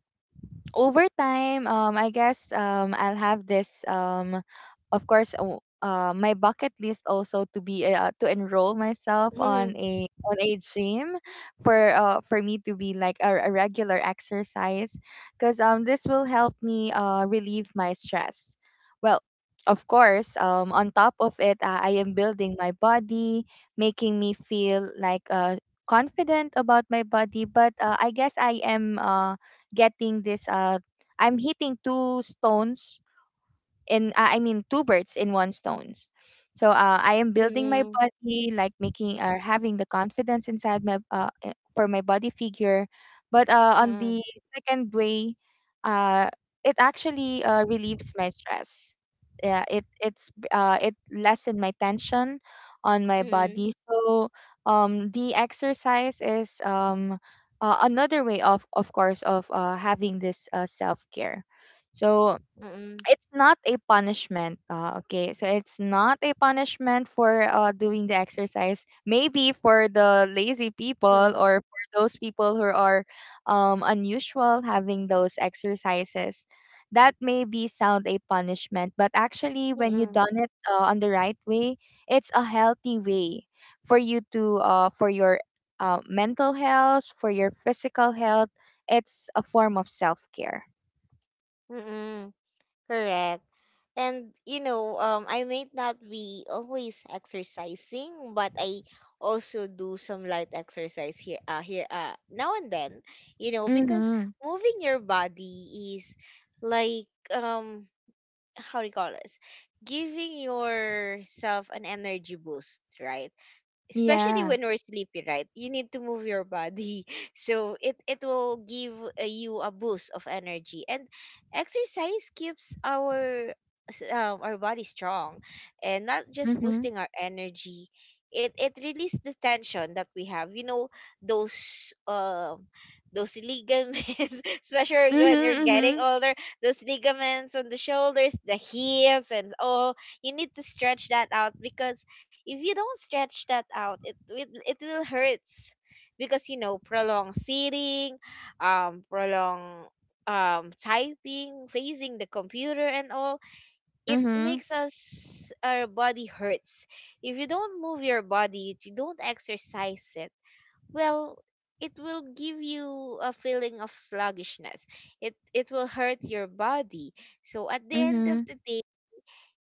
B: over time, I guess, I'll have this. Of course, my bucket list also to be to enroll myself on
A: Mm-mm.
B: a gym for me to be like a regular exercise because this will help me relieve my stress. Well. Of course, on top of it, I am building my body, making me feel like confident about my body. But I guess I am getting this. I'm hitting two stones in I mean two birds in one stones. So I am building my
A: Mm-mm.
B: body, like making or having the confidence inside my for my body figure. But on
A: Mm,
B: the second way, uh, it actually relieves my stress. Yeah, it lessen my tension on my
A: mm,
B: body. So the exercise is another way of course of having this self care. So
A: mm,
B: it's not a punishment, okay, so it's not a punishment for doing the exercise, maybe for the lazy people
A: mm,
B: or for those people who are unusual having those exercises that may be sound a punishment, but actually when you
A: mm,
B: done it on the right way, it's a healthy way for you to for your mental health, for your physical health. It's a form of self-care.
A: mm. Correct. And you know, I may not be always exercising, but I also do some light exercise here, now and then. You know, because
B: Mm-hmm.
A: moving your body is like, um, how do you call this? Giving yourself an energy boost, right? Especially
B: Yeah.
A: when we're sleepy, right? You need to move your body. [LAUGHS] So it will give you a boost of energy. And exercise keeps our our body strong, and not just
B: Mhm.
A: boosting our energy. It releases the tension that we have. You know, those um those ligaments, [LAUGHS] especially when you're getting
B: Mhm,
A: older, those ligaments on the shoulders, the hips, and all. You need to stretch that out, because if you don't stretch that out, it will hurts, because you know, prolonged sitting, prolonged typing, facing the computer and all,
B: mhm,
A: it
B: mhm,
A: makes us, our body hurts. If you don't move your body, if you don't exercise it, well, it will give you a feeling of sluggishness. It will hurt your body. So at the end of
B: mhm,
A: the day,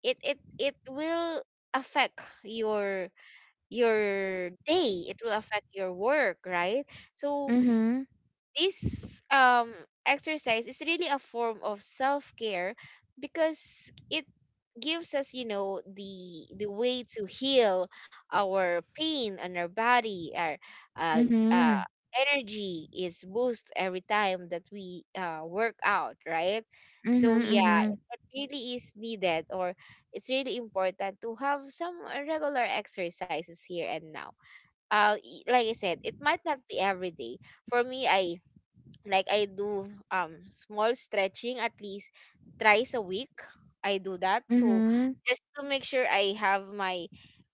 A: it will affect your day. It will affect your work, right? So
B: mhm,
A: this exercise is really a form of self-care, because it gives us, you know, the way to heal our pain on our body, our
B: mhm,
A: uh, uh,
B: mhm,
A: energy is boost every time that we work out, right? So yeah,
B: mhm,
A: it really is needed, or it's really important to have some regular exercises here and now. Like I said, it might not be every day. For me, I, like I do small stretching at least 3 times a week. I do that.
B: mhm,
A: So
B: mhm,
A: just to make sure I have my,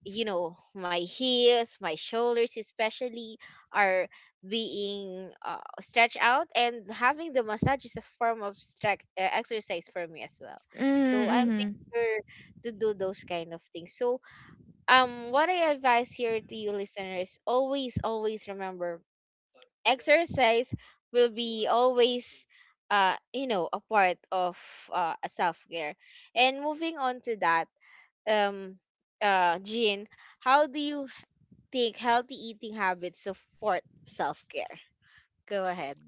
A: you know, my heels, my shoulders especially are being stretched out, and having the massage is a form of stretch exercise for me as well. So I make
B: mhm.
A: sure to do those kind of things. So what I advise here to you listeners, always, always remember, exercise will be always you know a part of a self-care. And moving on to that, um Jean, how do you think healthy eating habits support self-care? Go ahead.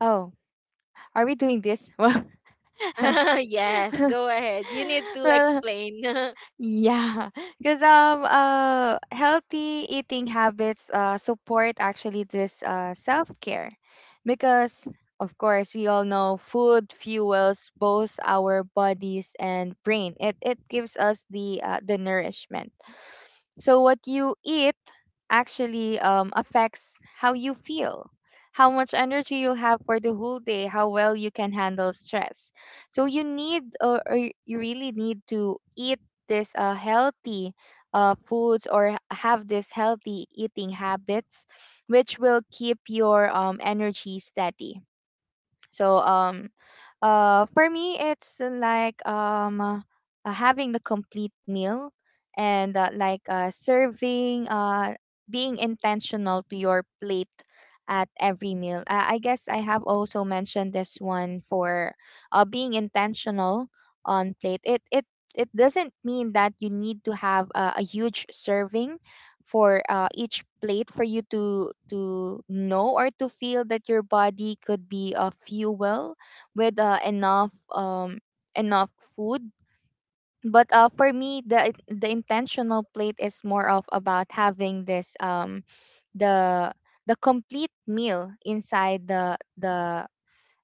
B: Oh, are we doing this? [LAUGHS] Well,
A: [LAUGHS] Yes,
B: [LAUGHS]
A: go ahead. You need to
B: well,
A: explain. [LAUGHS]
B: yeah, because healthy eating habits support actually this self care, because of course we all know food fuels both our bodies and brain. It gives us the nourishment. So what you eat actually affects how you feel, how much energy you'll have for the whole day, how well you can handle stress. So you need or you really need to eat this healthy foods or have this healthy eating habits, which will keep your energy steady. So for me, it's like having the complete meal and like serving, being intentional to your plate at every meal. I guess I have also mentioned this one for being intentional on plate. It doesn't mean that you need to have a huge serving for each plate for you to know or to feel that your body could be a fuel with enough enough food. But for me the intentional plate is more of about having this the the complete meal inside the the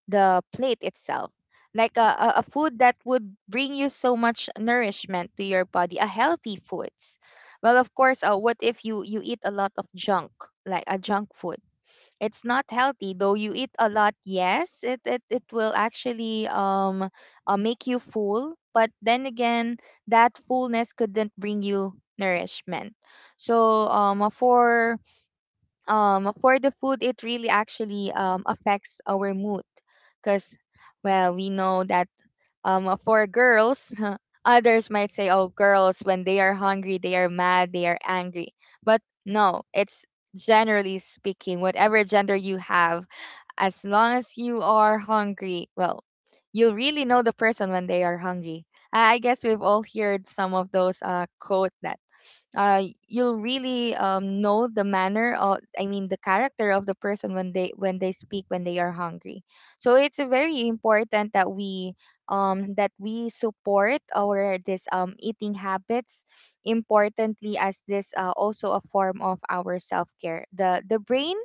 B: the plate itself, like a food that would bring you so much nourishment to your body, a healthy foods. Well, of course, what if you eat a lot of junk, like a junk food? It's not healthy though you eat a lot. Yes, it will actually make you full, but then again that fullness couldn't bring you nourishment. So for the food, it really actually affects our mood, because well we know that for girls [LAUGHS] others might say, oh, girls when they are hungry they are mad, they are angry. But no, it's generally speaking whatever gender you have, as long as you are hungry. Well, you'll really know the person when they are hungry. I guess we've all heard some of those quote that uh, you'll really know the manner of I mean the character of the person when they speak when they are hungry. So it's very important that we support our this eating habits, importantly as this also a form of our self-care. The brain,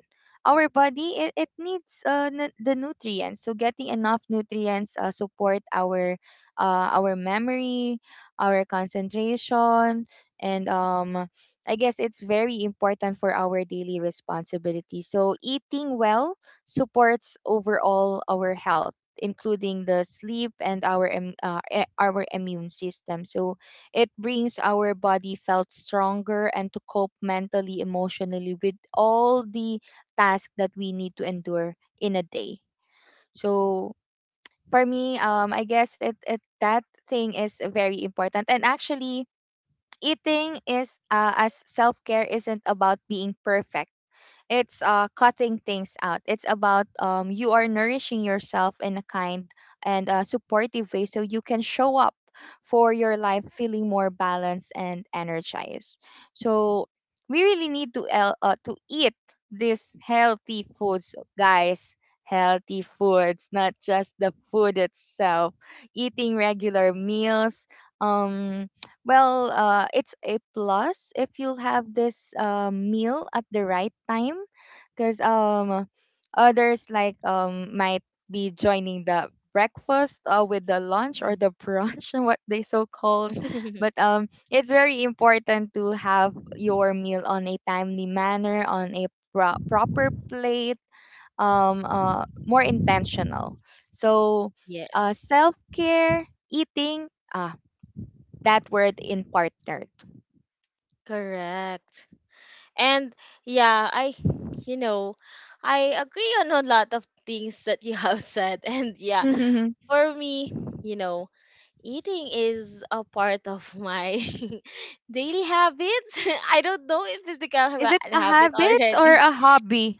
B: our body, it needs the nutrients. So getting enough nutrients support our memory, our concentration, and I guess it's very important for our daily responsibility. So eating well supports overall our health, including the sleep and our immune system. So it brings our body felt stronger and to cope mentally, emotionally with all the tasks that we need to endure in a day. So for me, I guess it, it that thing is very important. And actually, eating is as self-care isn't about being perfect, it's cutting things out, it's about you are nourishing yourself in a kind and supportive way, so you can show up for your life feeling more balanced and energized. So we really need to eat these healthy foods, guys. Healthy foods, not just the food itself, eating regular meals. um well, it's a plus if you'll have this meal at the right time, because others like might be joining the breakfast with the lunch or
A: Mm.
B: the brunch, [LAUGHS] what they so called.
A: [LAUGHS]
B: But it's very important to have your meal on a timely manner, on a proper plate, more intentional. So,
A: Yes.
B: self care, eating. That word in partnered.
A: Correct. And yeah, I, you know, I agree on a lot of things that you have said. [LAUGHS] And yeah,
B: Mhm.
A: for me, you know, eating is a part of my [LAUGHS] daily habits. [LAUGHS] I don't know if it's become
B: Is
A: a
B: it a
A: habit
B: habit or
A: already.
B: a
A: [LAUGHS]
B: hobby?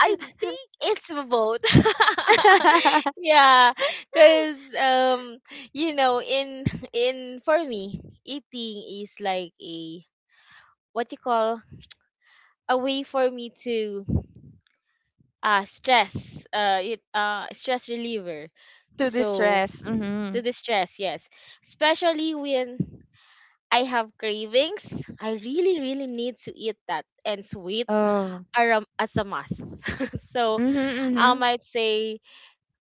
A: I think it's both. [LAUGHS]
B: [LAUGHS]
A: Yeah, cause you know, in, for me, eating is like a, what you call, a way for me to, ah, stress, it stress reliever.
B: To
A: So
B: distress? Mm-hmm.
A: to distress, yes, especially when I have cravings, I really need to eat that, and sweets
B: Oh.
A: are, as a must. [LAUGHS] So
B: Mm-hmm,
A: I
B: mm-hmm.
A: might say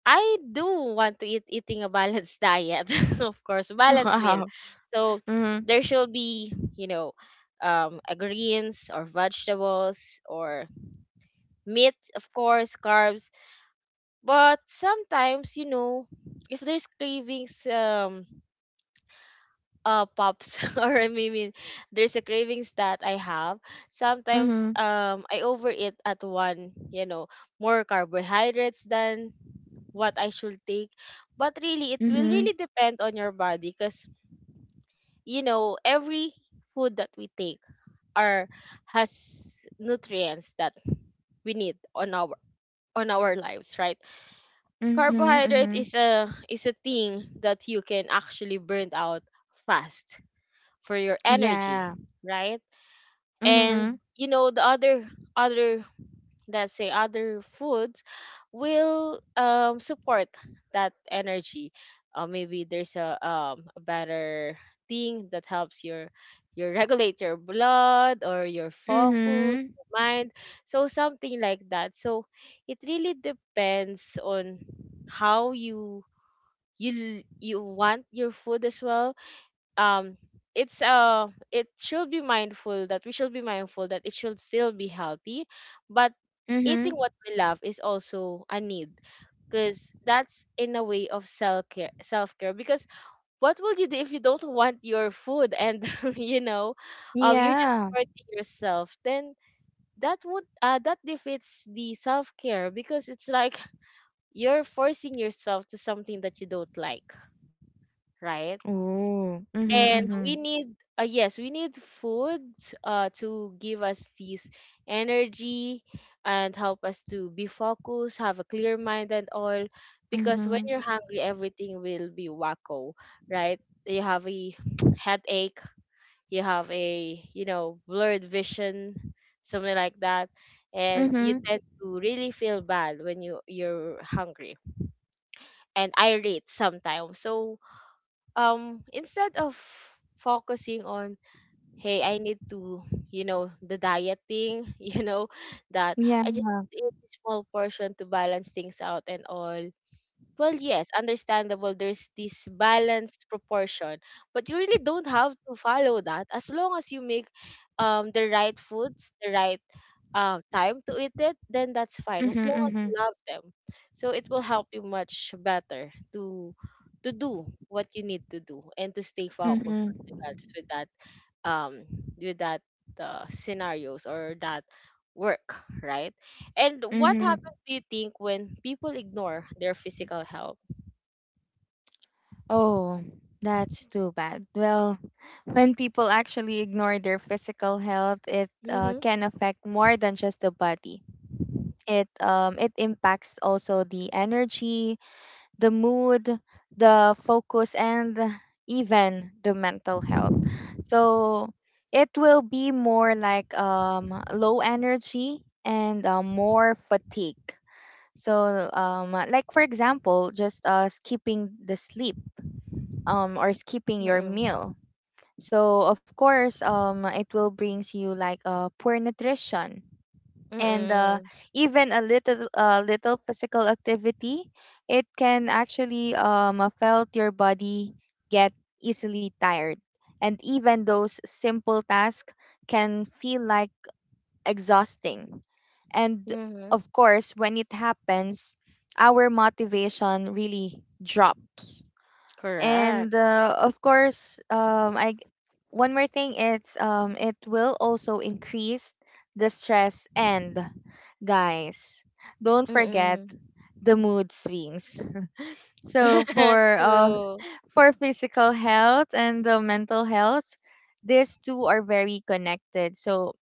A: I do want to eat, eating a balanced diet, [LAUGHS] of course,
B: [LAUGHS]
A: balanced meal.
B: Wow.
A: So
B: Mm-hmm,
A: there should be, you know, a greens or vegetables or meat, of course, carbs. But sometimes, you know, if there's cravings, pops, [LAUGHS] or I mean, there's a cravings that I have. Sometimes,
B: mm-hmm,
A: I overeat at one, you know, more carbohydrates than what I should take. But really, it will
B: mm-hmm,
A: really depend on your body, because, you know, every food that we take are, has nutrients that we need on our, on our lives, right?
B: mm-hmm, mm-hmm.
A: Carbohydrate is a thing that you can actually burn out fast for your
B: Yeah.
A: energy, right?
B: Mm-hmm,
A: And you know the other, other, let's say other foods will support that energy. Maybe there's a, a better thing that helps your [LAUGHS] regulate your blood or your focus,
B: mm-hmm,
A: your mind. So something like that. So it really depends on how you, you want your food as well. um it's uh, it should be mindful, that we should be mindful that it should still be healthy, but eating
B: mm-hmm.
A: what we love is also a need, because that's in a way of self care, self care, because what will you do if you don't want your food and [LAUGHS] you know, you're just
B: Yeah.
A: hurting yourself. Then that would uh, that defeats the self care, because it's like you're forcing yourself to something that you don't like, right?
B: Oh. Mm-hmm,
A: And
B: mm-hmm,
A: we need, yes, we need food to give us this energy, and help us to be focused, have a clear mind and all, because when
B: mm-hmm,
A: you're hungry, everything will be wacko, right? You have a [TSK] headache, you have a, you know, blurred vision, something like that, and you
B: mm-hmm.
A: tend to really feel bad when you're hungry, and irate sometimes. So instead of focusing on, hey, I need to, you know, the dieting, [LAUGHS] you know, that
B: Yeah.
A: I just need to eat a small portion to balance things out and all. Well, yes, understandable. There's this balanced proportion, but you really don't have to follow that, as long as you make the right foods, the right time to eat it, then that's fine.
B: Mm-hmm,
A: As long as
B: mm-hmm,
A: you love them, so it will help you much better to do what you need to do and to stay focused on
B: mm-hmm,
A: regards with that, um with that scenarios or that work, right? And what
B: mm-hmm.
A: happened, do you think, when people ignore their physical health?
B: Oh, that's too bad. Well, when people actually ignore their physical health, it
A: Mm-hmm.
B: can affect more than just the body. It impacts also the energy, the mood, the focus, and even the mental health. So it will be more like low energy and more fatigue. So like for example, just skipping the sleep, or skipping your
A: Mm-mm.
B: meal. So of course, it will brings you like poor nutrition and
A: Mm-mm.
B: even a little physical activity. It can actually affect your body, get easily tired, and even those simple tasks can feel like exhausting. And
A: Mm-hmm.
B: of course, when it happens, our motivation really drops, and
A: Correct.
B: of course, one more thing, it's it will also increase the stress and, guys, don't forget
A: Mm-mm.
B: the mood swings. So
A: [LAUGHS]
B: for [LAUGHS]
A: True.
B: for physical health and the mental health, these two are very connected. So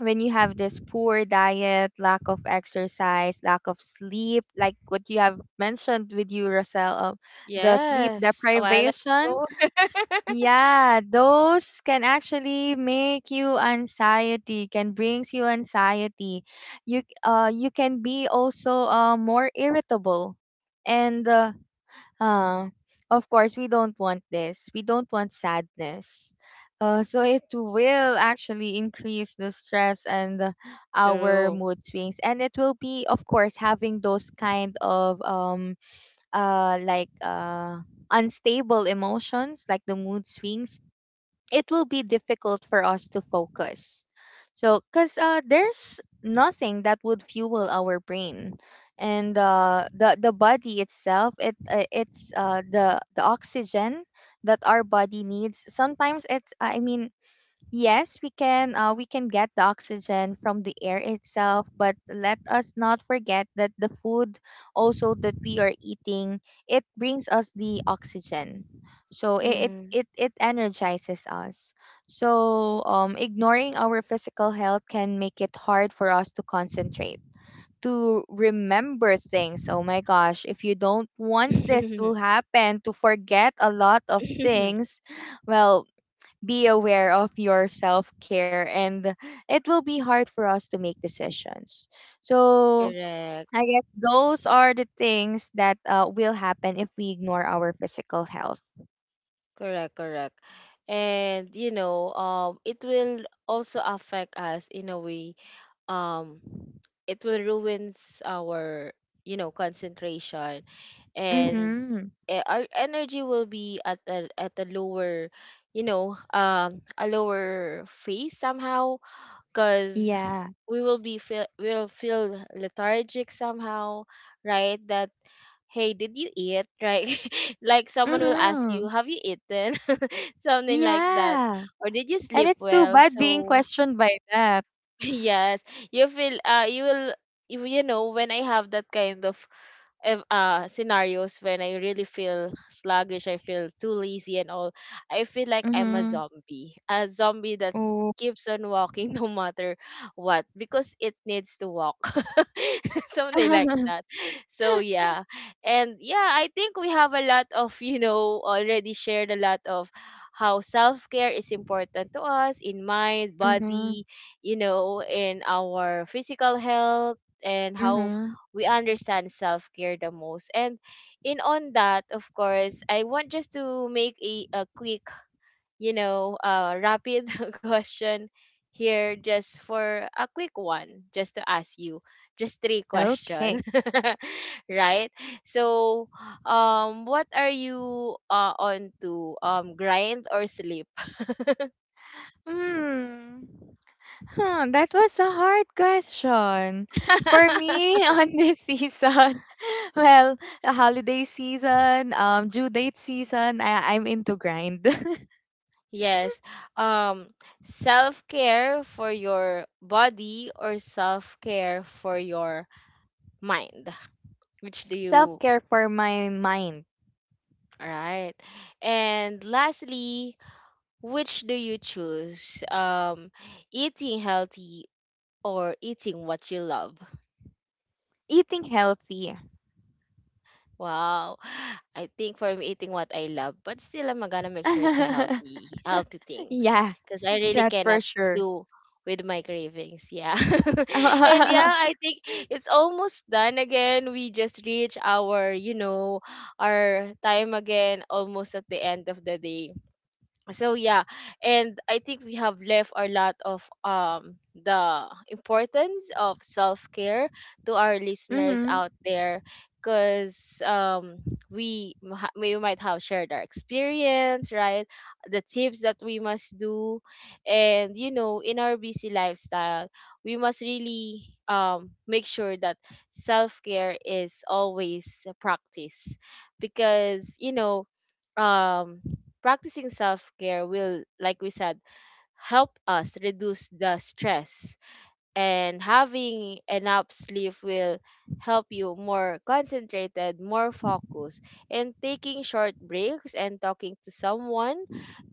B: when you have this poor diet, lack of exercise, lack of sleep, like what you have mentioned with you, Rosel, the sleep
A: Yes. A while
B: deprivation,
A: ago. [LAUGHS]
B: yeah, those can actually make you anxiety, can brings you anxiety. You can be also more irritable. And uh of course we don't want this. We don't want sadness. So it will actually increase the stress and our
A: True.
B: mood swings, and it will be of course having those kind of like unstable emotions like the mood swings. It will be difficult for us to focus. So, because there's nothing that would fuel our brain, and the body itself, it it's the oxygen that our body needs. Sometimes it's I mean, yes, we can get the oxygen from the air itself, but let us not forget that the food also that we are eating, it brings us the oxygen. So it it
A: Hmm.
B: it, it energizes us. So ignoring our physical health can make it hard for us to concentrate, to remember things. Oh my gosh, if you don't want this to
A: [LAUGHS]
B: happen, to forget a lot of things, well, be aware of your self care and it will be hard for us to make decisions. So
A: Correct.
B: I guess those are the things that will happen if we ignore our physical health.
A: Correct. Correct. And you know, it will also affect us in a way, um it will ruins our, you know, concentration, and,
B: Mm-hmm.
A: our energy will be at a lower, you know, a lower phase somehow, because
B: Yeah.
A: we will be feel, we'll feel lethargic somehow, right? That, hey, did you eat right, [LAUGHS] like someone will ask you,
B: Mm-hmm.
A: have you eaten, [LAUGHS] something like that,
B: Yeah.
A: or did you
B: And
A: sleep
B: it's too
A: well?
B: bad being
A: So
B: questioned by that.
A: [LAUGHS] yes, you feel uh, you will, you know, when I have that kind of, scenarios, when I really feel sluggish, I feel too lazy and all, I feel like I'm a
B: Mm-hmm.
A: zombie. A zombie that
B: Oh.
A: keeps on walking [LAUGHS] no matter what, because it needs to walk. [LAUGHS]
B: [LAUGHS]
A: Something like
B: Mm-hmm.
A: that. So yeah. And yeah, I think we have a lot of, you know, already shared a lot of how self-care is important to us, in mind, body, you know, in our physical health, and how
B: Mm-hmm.
A: we understand self-care the most. And in on that, of course, I want just to make a quick, you know, rapid [LAUGHS] question here, just for a quick one, just to ask you just three questions,
B: Okay.
A: [LAUGHS] right? So, what are you on to grind or sleep?
B: Hmm. Huh, that was a hard question. For
A: [LAUGHS]
B: me, [LAUGHS] on this season, [LAUGHS] well, the holiday season, due date season, I'm into grind. [LAUGHS]
A: Yes, um, self care for your body or self care for your mind. Which do
B: Self
A: you,
B: care for my mind,
A: right? And lastly, which do you choose? Eating healthy or eating what you love?
B: eating healthy.
A: Wow. I think for me, eating what I love, but still, I'm gonna make sure it's a
B: [LAUGHS]
A: healthy, healthy things,
B: Yeah,
A: because I really
B: that's for
A: cannot
B: sure.
A: do with my cravings. Yeah. [LAUGHS]
B: [LAUGHS]
A: And yeah, I
B: Mhm,
A: think it's almost done again. We just reach our, you know, our time again, almost at the end of the day. So yeah. And I think we have left a lot of the importance of self-care to our listeners out there, because we might have shared our experience, right? The tips that we must do, and you know, in our busy lifestyle, we must really make sure that self-care is always a practice, because you know, um practicing self care will, like we said, help us reduce the stress, and having enough sleep will help you more concentrated, more focused, and taking short breaks and talking to someone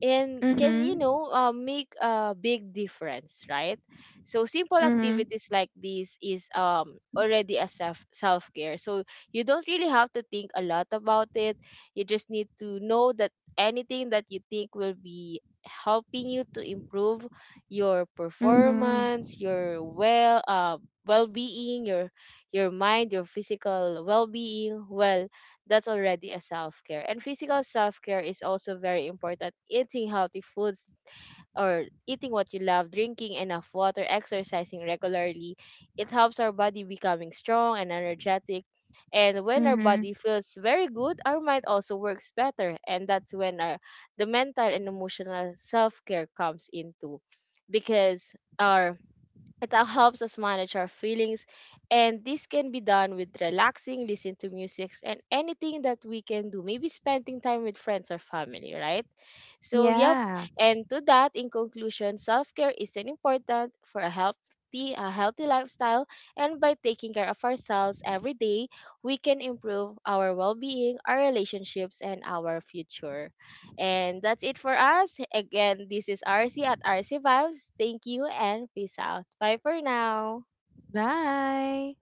A: and can, you
B: mhm,
A: know, make a big difference, right? So simple
B: mhm,
A: activities like this is already a self care. So you don't really have to think a lot about it. You just need to know that anything that you think will be helping you to improve your
B: mhm,
A: performance, your well-being, your mind, your physical well-being, well, that's already a self-care. And physical self-care is also very important. Eating healthy foods or eating what you love, drinking enough water, exercising regularly, it helps our body becoming strong and energetic. And when our
B: mhm.
A: body feels very good, our mind also works better. And that's when our, the mental and emotional self care comes into, because our, it all helps us manage our feelings, and this can be done with relaxing, listening to music, and anything that we can do. Maybe spending time with friends or family, right? So, yep.
B: Yeah.
A: And to that, in conclusion, self care is an important for a healthy lifestyle, and by taking care of ourselves every day, we can improve our well being, our relationships, and our future. And that's it for us. Again, this is RC at RC Vibes. Thank you and peace out. Bye for now.
B: Bye.